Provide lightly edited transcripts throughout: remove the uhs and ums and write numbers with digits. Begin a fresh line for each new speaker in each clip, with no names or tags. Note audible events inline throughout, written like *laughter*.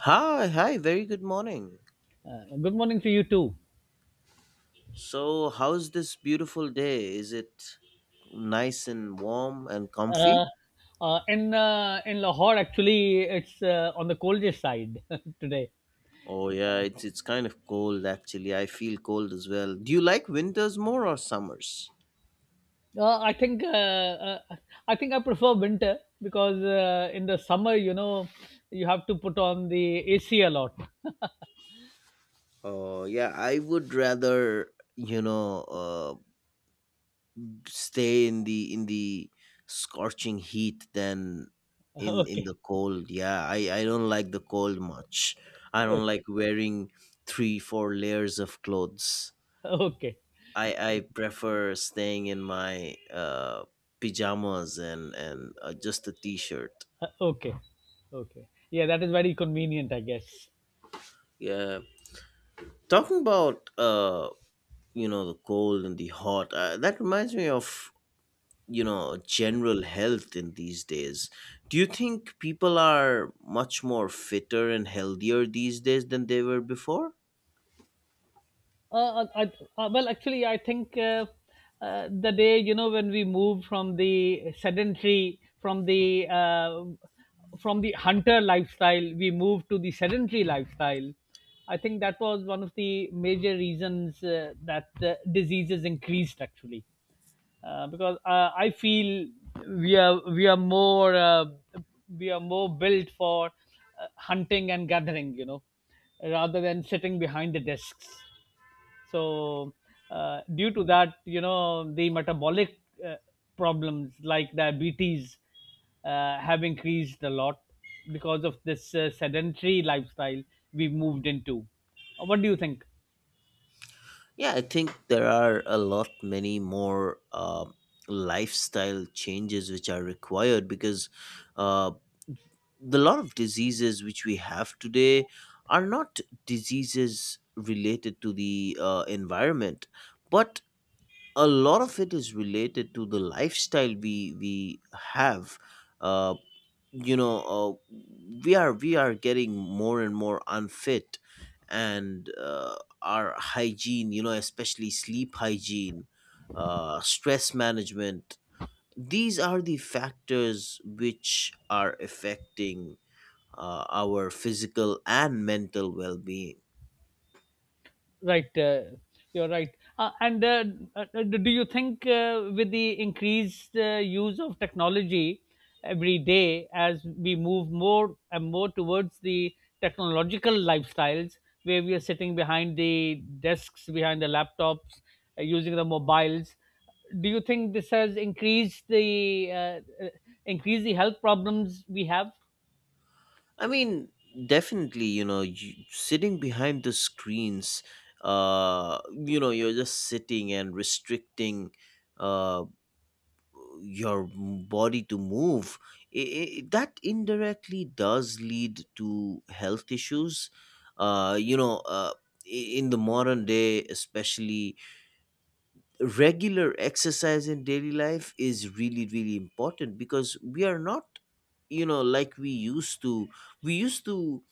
Hi, hi, very good morning.
Good morning to you too.
So, how's this beautiful day? Is it nice and warm and
Uh,
comfy?
in Lahore, actually, it's on the coldest side *laughs* today.
Oh yeah, it's kind of cold actually. I feel cold as well. Do you like winters more or summers?
Uh, I think uh, uh, I think I prefer winter because in the summer, you know, you have to put on the AC a lot.
Oh yeah, I would rather, stay in the scorching heat than in in
*laughs* Okay,
the cold. Yeah, I don't like the cold much. I don't
okay,
like wearing three, four layers of clothes.
okay,
I prefer staying in my pajamas and just a t-shirt.
okay, okay. Yeah, that is very convenient, I guess.
Yeah. Talking about the cold and the hot, that reminds me of general health in these days. Do you think people are much more fitter and healthier these days than they were before?
Uh, I, I, Actually, I think the day, you know, when we moved from the sedentary, from the hunter lifestyle, we moved to the sedentary lifestyle. I think that was one of the major reasons that diseases increased actually, because I feel we are more we are more built for hunting and gathering, you know, rather than sitting behind the desks. So due to that, you know, the metabolic uh, problems like diabetes have increased a lot because of this sedentary lifestyle we've moved into. What do you think?
Yeah, I think there are a lot many more lifestyle changes which are required, because uh, the lot of diseases which we have today are not diseases related to the environment, but a lot of it is related to the lifestyle we have. uh, you know uh, we are getting more and more unfit, and our hygiene, especially sleep hygiene, stress management, these are the factors which are affecting our physical and mental well-being.
Right, you're right. And Do you think with the increased use of technology every day, as we move more and more towards the technological lifestyles, where we are sitting behind the desks, behind the laptops, using the mobiles, do you think this has increased the health problems we have?
I mean, definitely, you, sitting behind the screens, you're just sitting and restricting uh your body to move. I That indirectly does lead to health issues. uh you know uh in the modern day especially, regular exercise in daily life is really really important, because we are not, you know, like we used to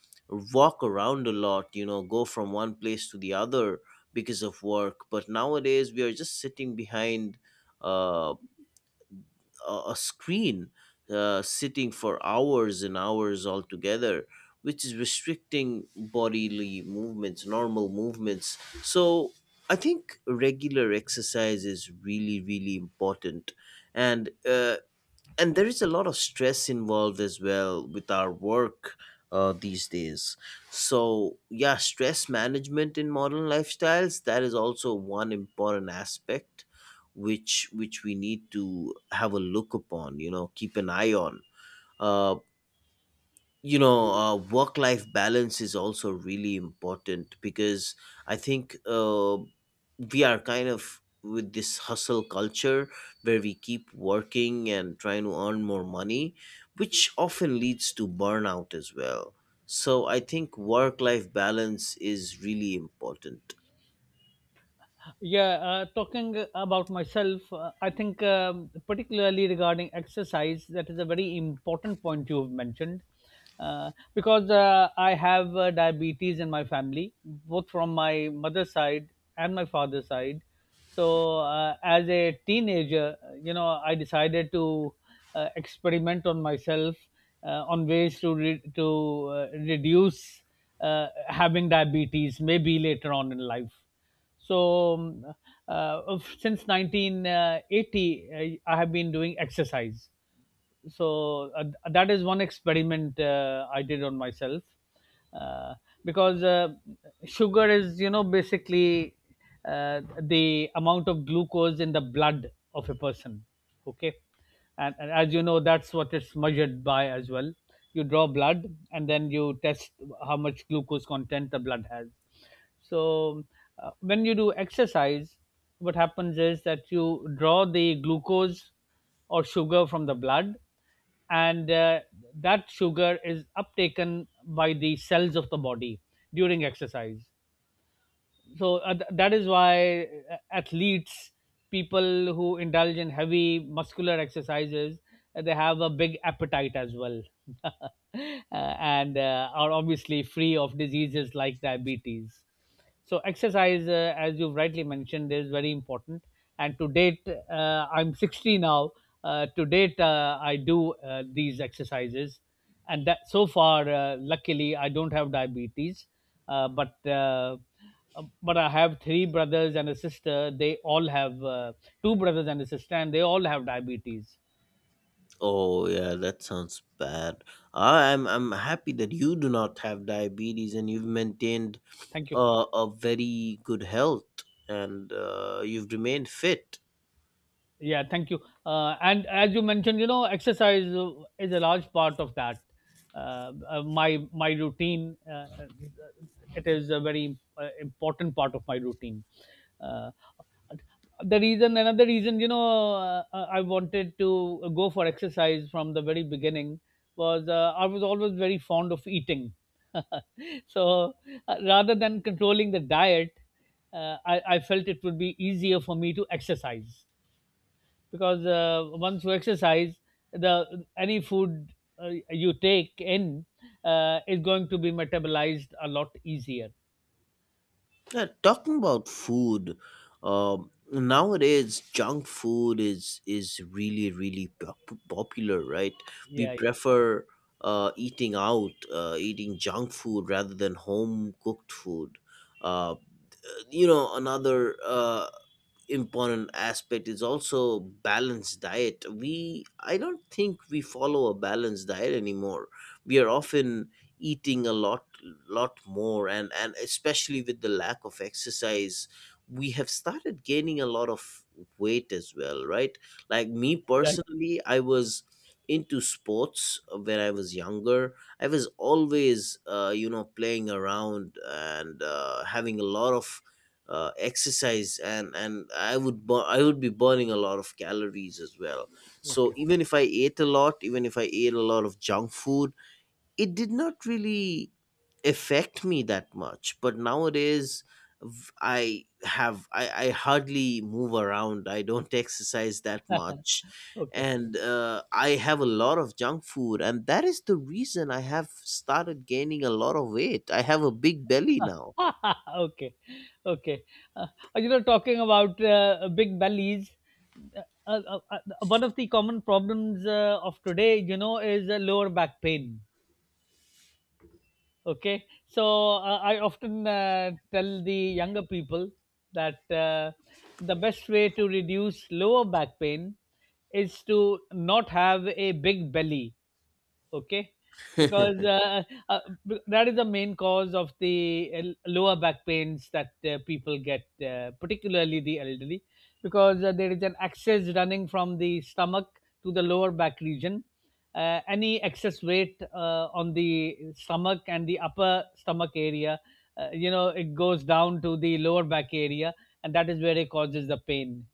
walk around a lot, you know, go from one place to the other because of work. But nowadays we are just sitting behind uh a screen, sitting for hours and hours altogether, which is restricting bodily movements, normal movements. So I think regular exercise is really really important. And uh, and there is a lot of stress involved as well with our work these days. So yeah, stress management in modern lifestyles, that is also one important aspect which we need to have a look upon, you know, keep an eye on. uh, Work life balance is also really important, because I think, we are kind of with this hustle culture, where we keep working and trying to earn more money, which often leads to burnout as well. So I think work life balance is really important.
Yeah, talking about myself, I think particularly regarding exercise, that is a very important point you've mentioned. Because I have diabetes in my family, both from my mother's side and my father's side. So, as a teenager, you know, I decided to experiment on myself on ways to reduce having diabetes, maybe later on in life. so, mm, since 1980, I have been doing exercise. So, that is one experiment I did on myself uh, because sugar is, you know, basically the amount of glucose in the blood of a person. Okay. And as you know, that's what it's measured by as well. You draw blood and then you test how much glucose content the blood has. So, when you do exercise, what happens is that you draw the glucose or sugar from the blood, and that sugar is uptaken by the cells of the body during exercise. So, that is why athletes, people who indulge in heavy muscular exercises, they have a big appetite as well. *laughs* And are obviously free of diseases like diabetes. So exercise, as you've rightly mentioned, is very important. And to date, I'm 60 now. To date, I do these exercises, and that so far, luckily, I don't have diabetes. Uh, but uh, but I have three brothers and a sister. They all have two brothers and a sister, and they all have diabetes.
Oh yeah, that sounds bad. I- am I'm happy that you do not have diabetes and you've maintained
Thank you.
a very good health, and you've remained fit.
Yeah, thank you. And as you mentioned, you know, exercise is a large part of that. My routine, uh, it is a very important part of my routine. Uh, the reason, another reason, you know, I wanted to go for exercise from the very beginning was I was always very fond of eating. *laughs* So rather than controlling the diet, I felt it would be easier for me to exercise because once you exercise the any food you take in is going to be metabolized a lot easier.
Yeah, talking about food, nowadays junk food is really really popular, right? We
Yeah, yeah,
prefer eating out, eating junk food rather than home cooked food. Uh, you know, another important aspect is also balanced diet. We I don't think we follow a balanced diet anymore. We are often eating a lot, more, and especially with the lack of exercise, we have started gaining a lot of weight as well, right? Like me personally, I was into sports when I was younger. I was always you know, playing around, and having a lot of exercise, and I would be burning a lot of calories as well. So even if I ate a lot, even if I ate a lot of junk food, it did not really affect me that much. But nowadays, I hardly move around. I don't exercise that
right.
much.
*laughs* Okay.
And I have a lot of junk food, and that is the reason I have started gaining a lot of weight. I have a big belly now.
*laughs* Okay, okay, uh, you know, talking about big bellies, uh, uh, uh, one of the common problems of today, you know, is lower back pain. Okay, so I often tell the younger people that the best way to reduce lower back pain is to not have a big belly. Okay, because uh, that is the main cause of the lower back pains that people get, particularly the elderly, because there is an excess running from the stomach to the lower back region. Any excess weight on the stomach and the upper stomach area, you know, it goes down to the lower back area, and that is where it causes the pain.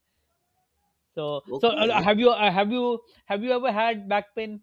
*laughs* Okay.
Have you ever had back pain?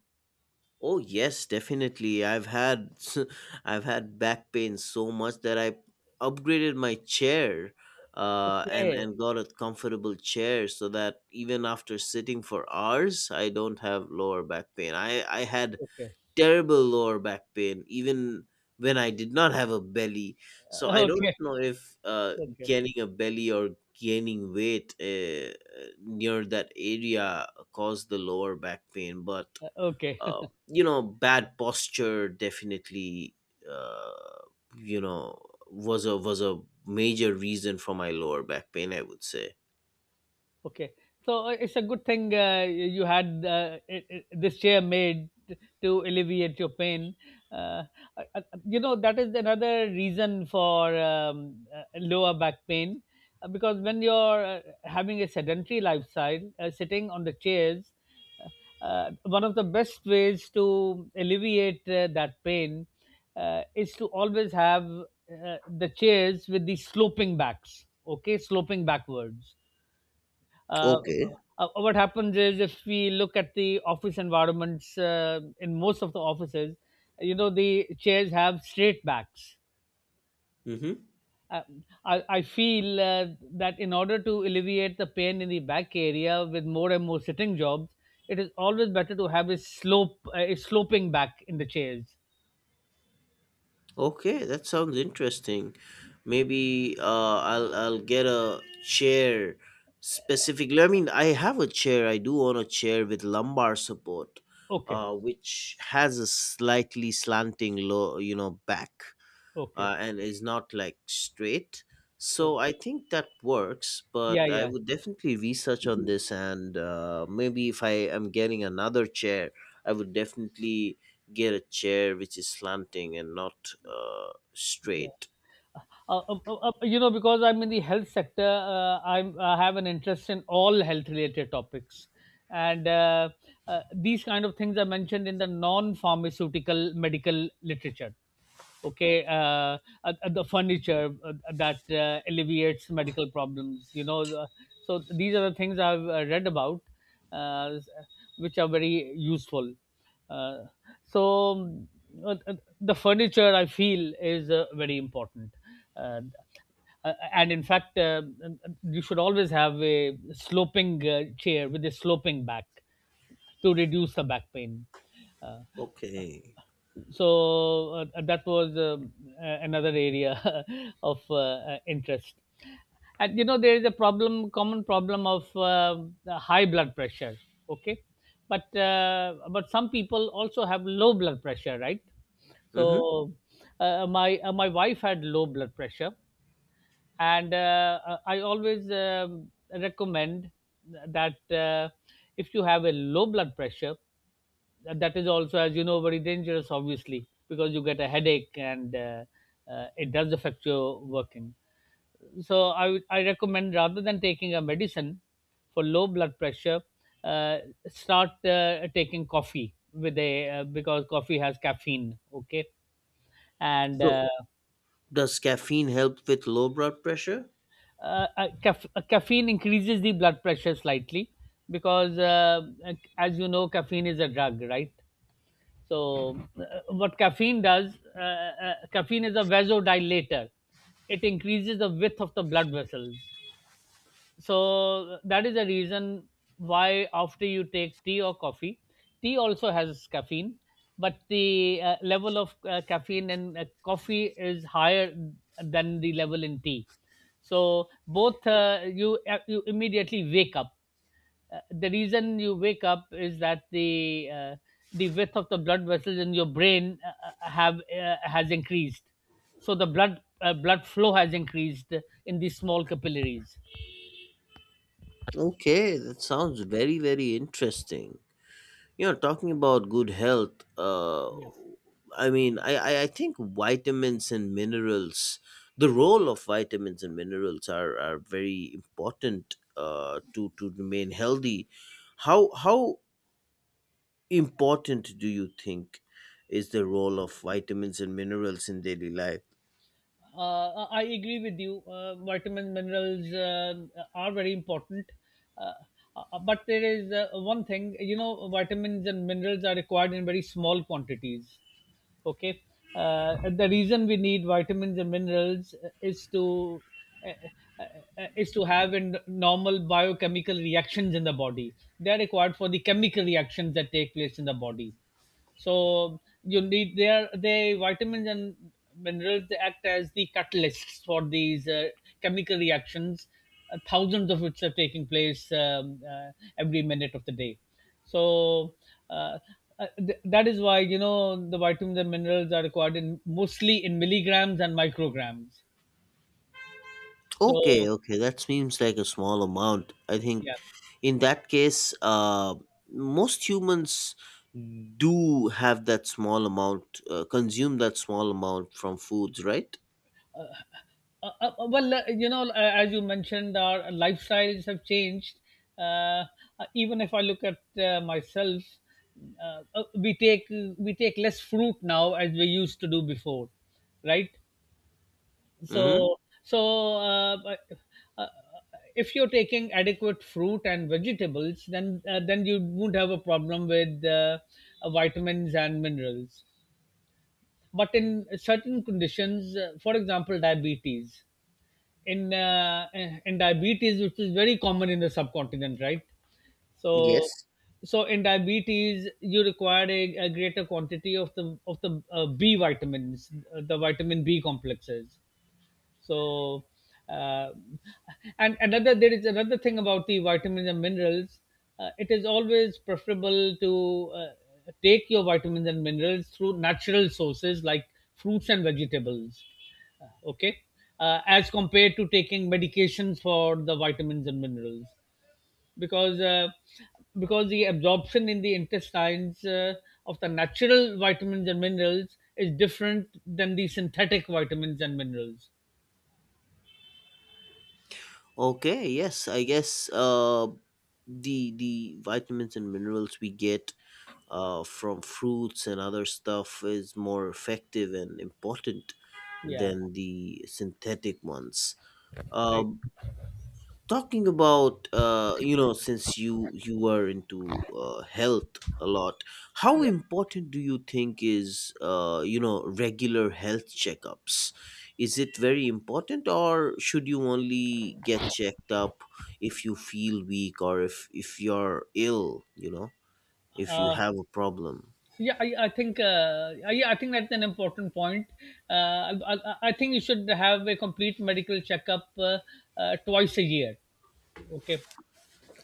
Oh yes, definitely. I've had *laughs* I've had back pain so much that I upgraded my chair, and
Okay,
and got a comfortable chair so that even after sitting for hours, I don't have lower back pain. I had
okay.
terrible lower back pain even when I did not have a belly. So I don't
Okay,
know if
okay,
gaining a belly or gaining weight near that area caused the lower back pain, but
okay.
you know, bad posture definitely, uh, you know was a major reason for my lower back pain, I would say.
Okay, so it's a good thing you had this chair made to alleviate your pain. Uh, uh, uh, you know, that is another reason for lower back pain, because when you're having a sedentary lifestyle, sitting on the chairs, one of the best ways to alleviate that pain is to always have the chairs with the sloping backs. Okay, sloping backwards. uh,
Okay.
what happens is if we look at the office environments, in most of the offices, you know, the chairs have straight backs.
Mm-hmm.
Uh, I feel that in order to alleviate the pain in the back area with more and more sitting jobs, it is always better to have a slope, a sloping back in the chairs.
Okay, that sounds interesting. Maybe I'll get a chair, specifically. I mean, I have a chair, I do own a chair with lumbar support,
Okay,
which has a slightly slanting low, back,
okay,
and is not like straight. So
okay.
I think that works,
Yeah,
but I
yeah,
would definitely research on this, and maybe if I am getting another chair, I would definitely get a chair which is slanting and not
yeah.
straight.
uh, you know, because I'm in the health sector, I have an interest in all health related topics, and these kind of things are mentioned in the non pharmaceutical medical literature. Okay, the furniture that alleviates medical problems, you know, the, so these are the things I've read about, uh, which are very useful. Uh, so um, uh, uh, the furniture, I feel, is very important, uh, and in fact, you should always have a sloping chair with a sloping back to reduce the back pain. uh,
Okay.
that was another area *laughs* of interest. And you know, there is a problem, common problem of the high blood pressure. Okay, but some people also have low blood pressure, right?
Mm-hmm.
So my wife had low blood pressure, and I always recommend that if you have a low blood pressure, that is also, as you know, very dangerous, obviously, because you get a headache, and it does affect your working. So I recommend rather than taking a medicine for low blood pressure, uh, start taking coffee with a because coffee has caffeine. Okay, and
So does caffeine help with low blood pressure?
caffeine increases the blood pressure slightly because as you know, caffeine is a drug, right? So what caffeine does, caffeine is a vasodilator. It increases the width of the blood vessels. So that is the reason why after you take tea or coffee, tea also has caffeine, but the level of caffeine in coffee is higher than the level in tea. So both you immediately wake up. The reason you wake up is that uh, the width of the blood vessels in your brain have has increased, so the blood flow has increased in these small capillaries.
Okay, that sounds very, very interesting. You know, talking about good health, I mean, I think vitamins and minerals, the role of vitamins and minerals are very important to remain healthy. How important do you think is the role of vitamins and minerals in daily life?
I agree with you. Vitamin minerals are very important, uh, but there is one thing. You know, vitamins and minerals are required in very small quantities. Okay, the reason we need vitamins and minerals uh, uh, is to have in normal biochemical reactions in the body. They are required for the chemical reactions that take place in the body, so you need their they vitamins and minerals, they act as the catalysts for these chemical reactions, thousands of which are taking place every minute of the day. So uh, that is why, you know, the vitamins and minerals are required in mostly in milligrams and micrograms.
Okay,
So
okay, that seems like a small amount. I think
yeah.
in that case, most humans do have that small amount, consume that small amount from foods, right?
You know, as you mentioned, our lifestyles have changed. Uh, Even if I look at myself, uh, uh, we take we take less fruit now as we used to do before, right?
Mm-hmm.
So, so uh, if you're taking adequate fruit and vegetables, then you won't have a problem with vitamins and minerals. But in certain conditions, for example, diabetes, in diabetes, which is very common in the subcontinent, right? So,
Yes.
so, in diabetes, you require a greater quantity of the B vitamins, the vitamin B complexes. So, uh, and another there is another thing about the vitamins and minerals. It is always preferable to take your vitamins and minerals through natural sources like fruits and vegetables. Uh, Okay, as compared to taking medications for the vitamins and minerals, because uh, because the absorption in the intestines of the natural vitamins and minerals is different than the synthetic vitamins and minerals.
Okay, yes, I guess the vitamins and minerals we get from fruits and other stuff is more effective and important
Yeah.
than the synthetic ones. Uh,
Right.
Talking about you know, since you were into health a lot, how
Yeah.
important do you think is, you know, regular health checkups? Is it very important, or should you only get checked up if you feel weak or if you're ill, if you
Uh,
have a problem?
yeah. I think. Yeah. I think that's an important point. Uh, I, I I think you should have a complete medical checkup twice a year. Okay.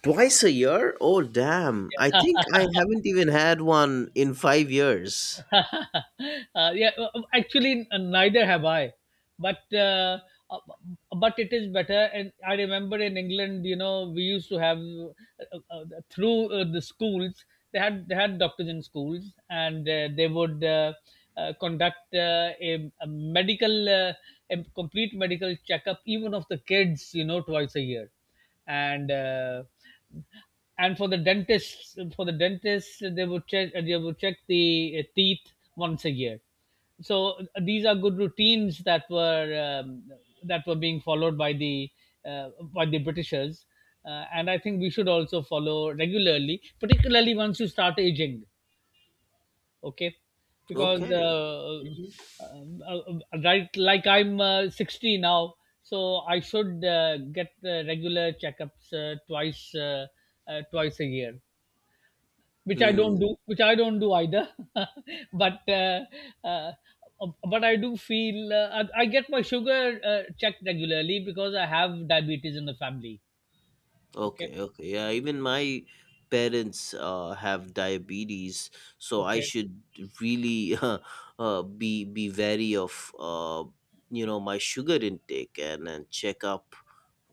Twice a year? Oh damn, I think I haven't even had one in 5 years.
*laughs* Yeah, Actually, neither have I. But uh, uh, but it is better. And I remember in England, you know, we used to have through the schools. They had doctors in schools, and they would conduct a medical, a complete medical checkup, even of the kids, you know, twice a year and uh, and for the dentists they would check the teeth once a year. So these are good routines that were being followed by the britishers, and I think we should also follow regularly, particularly once you start aging. Okay. because
Okay.
uh,
Mhm.
um, uh, uh, right, like I'm 60 now, so I should get regular checkups twice a year, which i don't do
Hmm.
which i don't do either. *laughs* But uh, but I do feel, I get my sugar checked regularly because I have diabetes in the family. Okay,
Okay, okay. Yeah, even my parents have diabetes, so I
okay.
should really *laughs* be wary of, you know, my sugar intake, and check up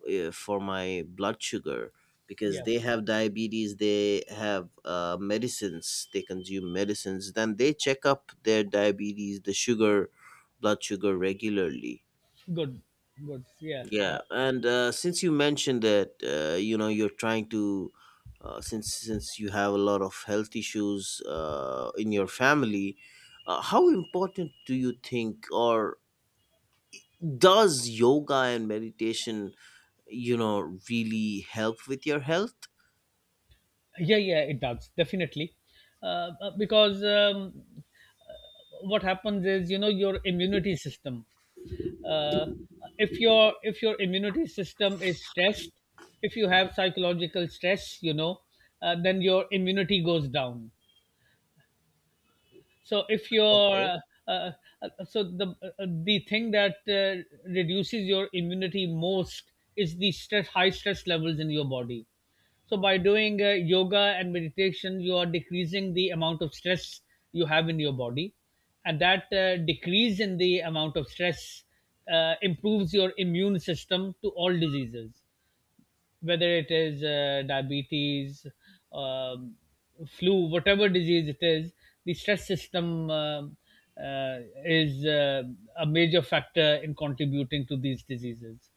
for my blood sugar, because
Yeah.
they have diabetes, they have medicines, they consume medicines, then they check up their diabetes, the sugar, blood sugar regularly.
Good, good. yeah
Yeah,
uh,
and since you mentioned that you're trying to, since you have a lot of health issues in your family, how important do you think, or does yoga and meditation, you know, really help with your health?
yeah, yeah, it does definitely. Because What happens is, you know, your immunity system, uh, if your immunity system is stressed, if you have psychological stress, you know, then your immunity goes down. So if you're
Okay.
uh, uh, so the thing that reduces your immunity most is the stress, high stress levels in your body. So by doing yoga and meditation, you are decreasing the amount of stress you have in your body, and that decrease in the amount of stress improves your immune system to all diseases, whether it is diabetes, um, flu, whatever disease it is. The stress system is a major factor in contributing to these diseases.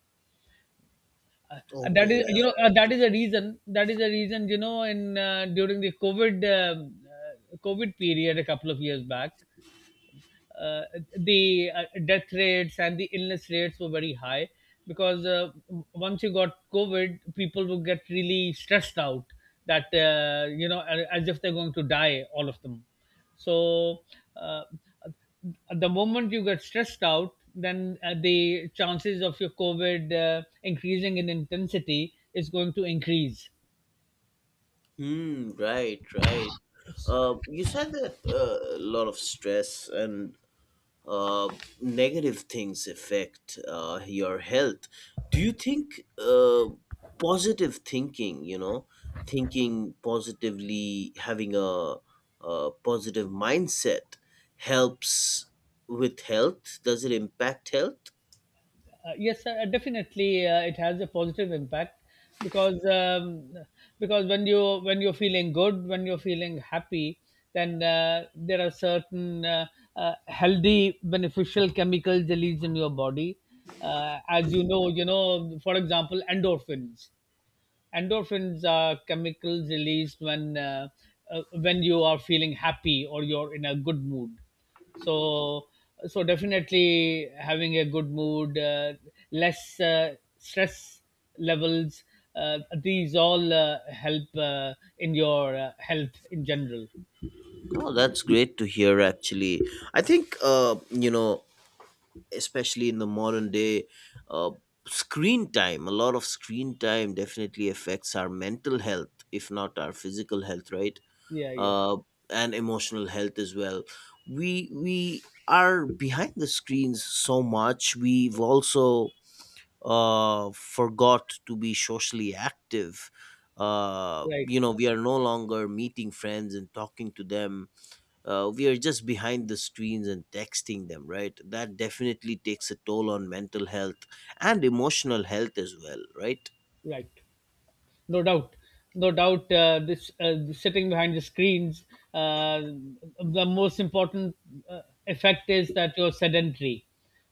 Uh, that
Okay.
is, you know, that is a reason. That is a reason, you know, in during the COVID COVID period a couple of years back, uh, the death rates and the illness rates were very high, because once you got COVID, people would get really stressed out that, you know, as if they're going to die, all of them. So uh, the moment you get stressed out, then the chances of your COVID increasing in intensity is going to increase.
Yeah. Hmm. Right. Right. You said that a lot of stress and uh, negative things affect your health. Do you think positive thinking, thinking positively, having a positive mindset, helps with health? Does it impact health?
Yes, definitely, it has a positive impact, because um, because when you're feeling good, when you're feeling happy, then there are certain healthy, beneficial chemicals released in your body. As you know, for example, endorphins. Endorphins are chemicals released when when you are feeling happy or you're in a good mood. So so definitely, having a good mood, less stress levels, these all help in your health in general.
Oh, that's great to hear actually. I think especially in the modern day, uh, screen time, a lot of screen time definitely affects our mental health, if not our physical health, right?
Yeah, yeah.
uh, and emotional health as well. We are behind the screens so much, we've also forgot to be socially active. You
Right,
know, we are no longer meeting friends and talking to them. We are just behind the screens and texting them, right? That definitely takes a toll on mental health and emotional health as well, right?
right. No doubt, no doubt, this sitting behind the screens, uh, the most important effect is that you're sedentary.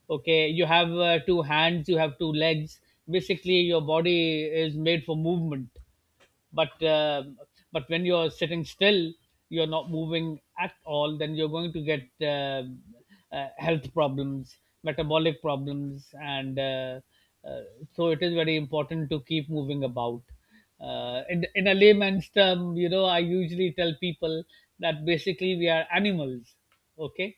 Okay, you have two hands, you have two legs, basically your body is made for movement, but uh, but when you're sitting still, you're not moving at all, then you're going to get health problems, metabolic problems, and uh, so it is very important to keep moving about. In a layman's term, you know, I usually tell people that basically we are animals. Okay.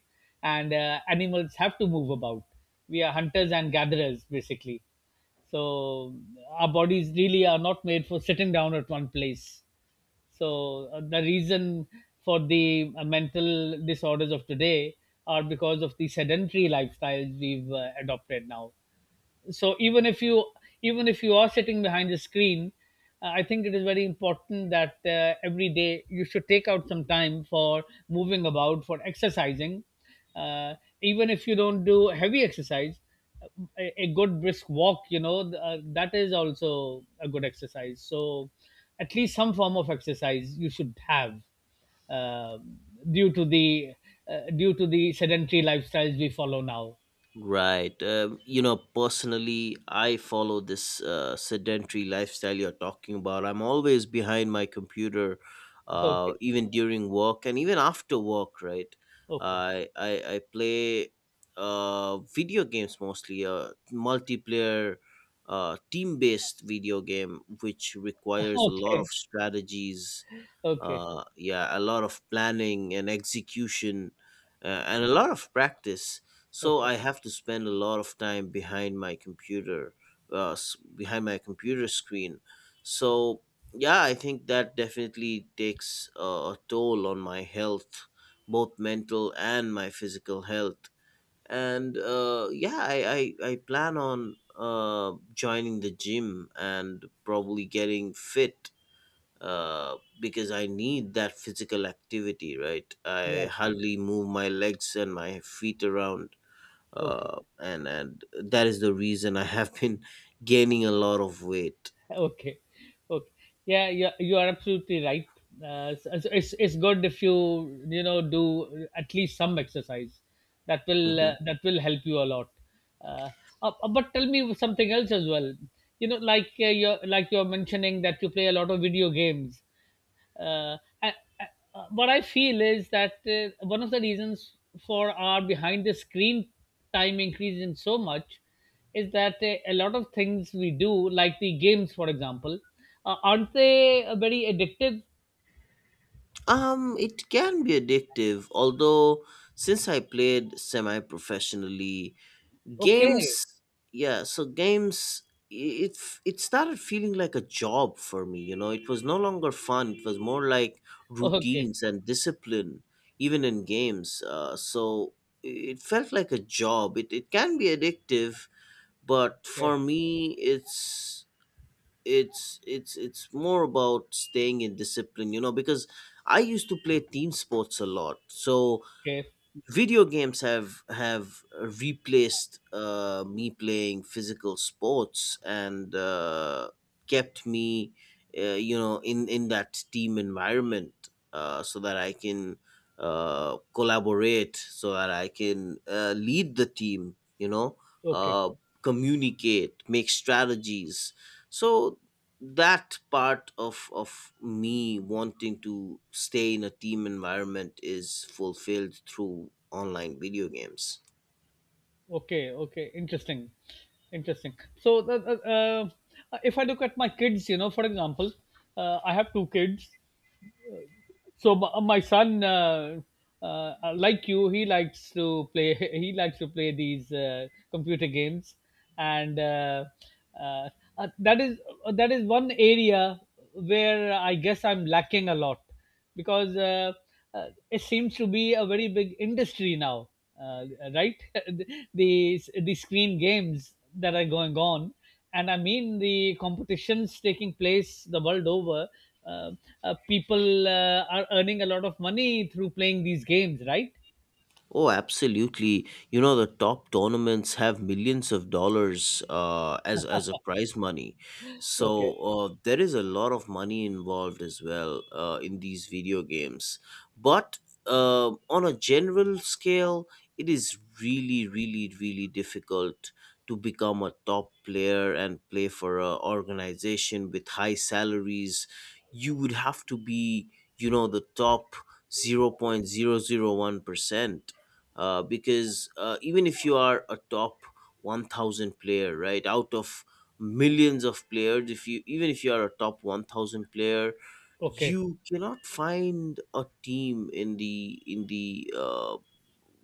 And animals have to move about. We are hunters and gatherers basically. So our bodies really are not made for sitting down at one place. So the reason for the mental disorders of today are because of the sedentary lifestyles we've adopted now. So even if you, even if you are sitting behind the screen, I think it is very important that every day you should take out some time for moving about, for exercising. uh, Even if you don't do heavy exercise, uh, a good brisk walk, you know, that is also a good exercise. So at least some form of exercise you should have, uh, due to the due to the sedentary lifestyles we follow now.
Right. Personally, I follow this sedentary lifestyle you're talking about. I'm always behind my computer,
*laughs* Okay.
even during work and even after work, right?
Okay.
I play video games mostly, multiplayer, team based video game, which
*laughs*
requires a lot of
Okay.
strategies,
Okay,
yeah, a lot of planning and execution, and a lot of practice. So
okay,
I have to spend a lot of time behind my computer, behind my computer screen. So yeah, I think that definitely takes a toll on my health, both mental and my physical health. And yeah, I plan on joining the gym and probably getting fit, because I need that physical activity, right? I
right,
hardly move my legs and my feet around,
okay.
and that is the reason I have been *laughs* gaining a lot of weight.
*laughs* Okay, okay. Yeah, yeah, you are absolutely right. So it's good if you, you know, do at least some exercise.
Mhm.
That will help you a lot. Uh, but tell me something else as well. You know, like you're mentioning that you play a lot of video games. Uh, what I feel is that one of the reasons for our behind the screen time increase in so much is that a lot of things we do, like the games, for example, aren't they very addictive?
It can be addictive, although since I played semi-professionally, games
Okay.
yeah so games i- it f- it started feeling like a job for me. You know, it was no longer fun, it was more like
Oh, okay,
routines and discipline even in games, so it felt like a job. It can be addictive, but
okay,
for me it's more about staying in discipline, you know, because I used to play team sports a lot, so
okay,
video games have replaced me playing physical sports, and kept me you know, in that team environment, so that I can collaborate, so that I can lead the team, you know,
okay,
uh, communicate, make strategies. So that part of me wanting to stay in a team environment is fulfilled through online video games.
okay, okay. Interesting, interesting. So, if I look at my kids, you know, for example, I have two kids. So my, my son, like you, he likes to play *laughs* he likes to play these computer games, and uh, uh, that is that is one area where I guess I'm lacking a lot, because it seems to be a very big industry now. Uh, right *laughs* The screen games that are going on, and I mean the competitions taking place the world over. Uh, people are earning a lot of money through playing these games, right?
Oh, absolutely. You know, the top tournaments have millions of dollars as a prize money. So
Okay,
there is a lot of money involved as well in these video games. But on a general scale, it is really, really, really difficult to become a top player and play for a organization with high salaries. You would have to be, you know, the top 0.001%, because even if you are a top 1000 player right out of millions of players, if you, even if you are a top 1000 player,
okay,
you cannot find a team in the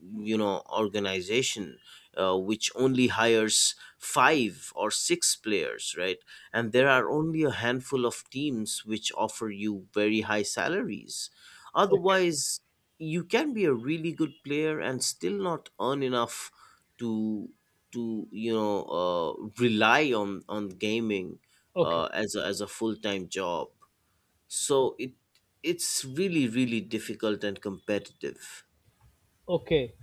you know, organization which only hires five or six players, right? And there are only a handful of teams which offer you very high salaries.
okay,
Otherwise you can be a really good player and still not earn enough to to you know, rely on gaming
okay,
as a full-time job. So it, it's really, really difficult and competitive.
okay,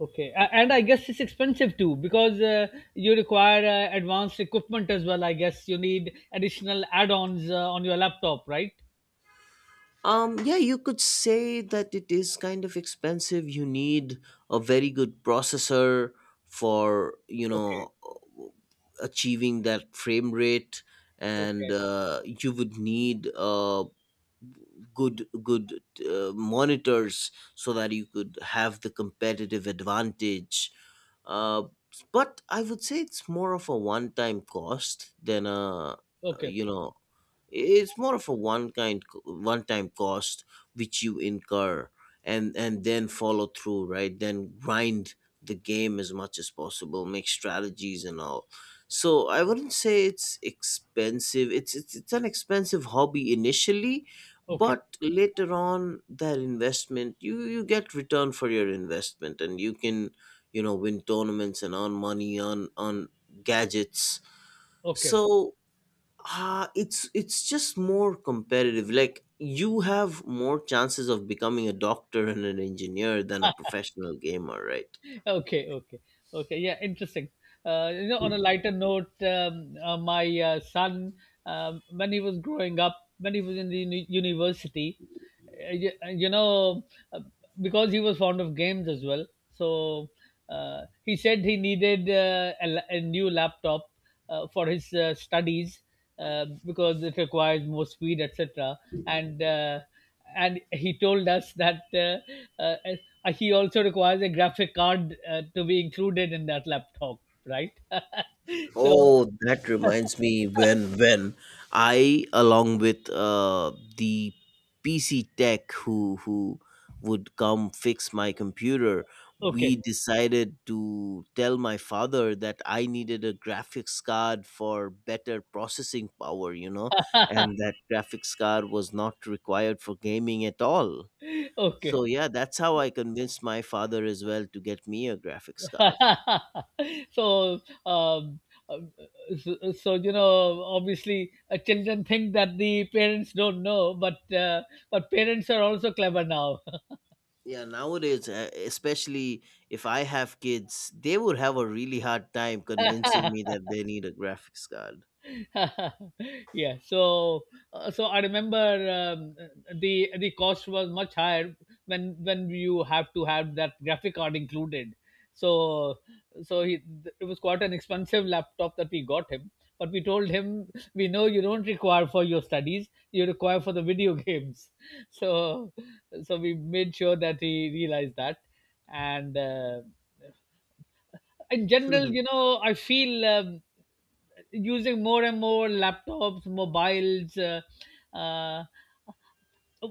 okay. And I guess it's expensive too, because you require advanced equipment as well. I guess you need additional add-ons on your laptop, right?
Yeah, you could say that it is kind of expensive. You need a very good processor for, you
Okay,
know, achieving that frame rate, and
okay,
you would need good monitors so that you could have the competitive advantage. Uh, but I would say it's more of a one-time cost than a,
okay,
you know, it's more of a one kind one time cost which you incur, and then follow through, right, then grind the game as much as possible, make strategies and all. So I wouldn't say it's expensive, it's it's an expensive hobby initially,
okay,
but later on that investment, you get return for your investment, and you can, you know, win tournaments and earn money on gadgets.
okay.
So ah, it's just more competitive. Like you have more chances of becoming a doctor and an engineer than a professional gamer, right?
Okay, okay, okay. Yeah, interesting. You know, on a lighter note, my son, when he was growing up, when he was in the university, you know uh, because he was fond of games as well, so he said he needed a new laptop for his studies, because it requires more speed, etc. and uh, and he told us that he also requires a graphic card to be included in that laptop, right. *laughs* So
Oh, that reminds me, when I along with the PC tech who would come fix my computer, we
okay
decided to tell my father that I needed a graphics card for better processing power, you know, and that graphics card was not required for gaming at all.
okay
So yeah, that's how I convinced my father as well to get me a graphics card.
*laughs* so um, um, so, you know, obviously children think that the parents don't know, but parents are also clever now.
Yeah, nowadays, especially if I have kids, they would have a really hard time convincing me
*laughs*
that they need a graphics card.
*laughs* yeah so so I remember, the cost was much higher when you have to have that graphic card included. So, so he, it was quite an expensive laptop that we got him, but we told him we know you don't require for your studies, you require for the video *laughs* games. So, so we made sure that he realized that. And uh, in general, you
*laughs*
know, I feel using more and more laptops, mobiles. Uh,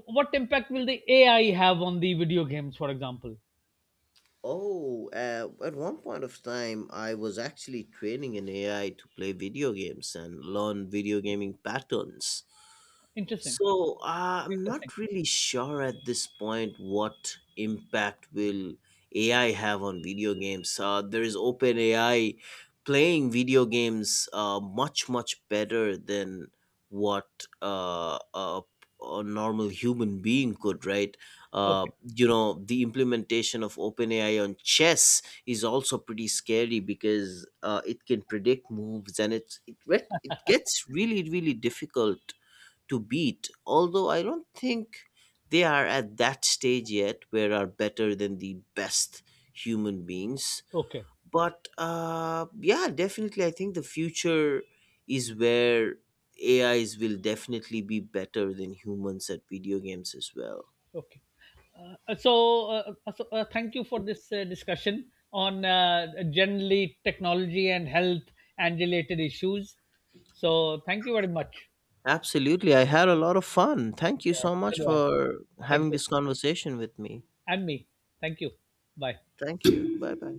what impact will the AI have on the video games, for example?
oh, at one point of time I was actually training an AI to play video games and learn video gaming patterns.
Interesting.
So I'm not
Interesting.
really sure at this point what impact will AI have on video games. There is OpenAI playing video games much better than what a normal human being could. Right? Uh,
Okay.
you know, the implementation of OpenAI on chess is also pretty scary, because it can predict moves and it gets really, really difficult to beat, although I don't think they are at that stage yet where are better than the best human beings.
Okay.
But yeah, definitely, I think the future is where AIs will definitely be better than humans at video games as well.
Okay. So, thank you for this discussion on generally technology and health and related issues. So, thank you very much.
Absolutely. I had a lot of fun. Thank you
Yeah.
so much
So do I.
for
Thank
having
you.
this conversation with me.
And me. Thank you. Bye.
Thank you. Bye bye.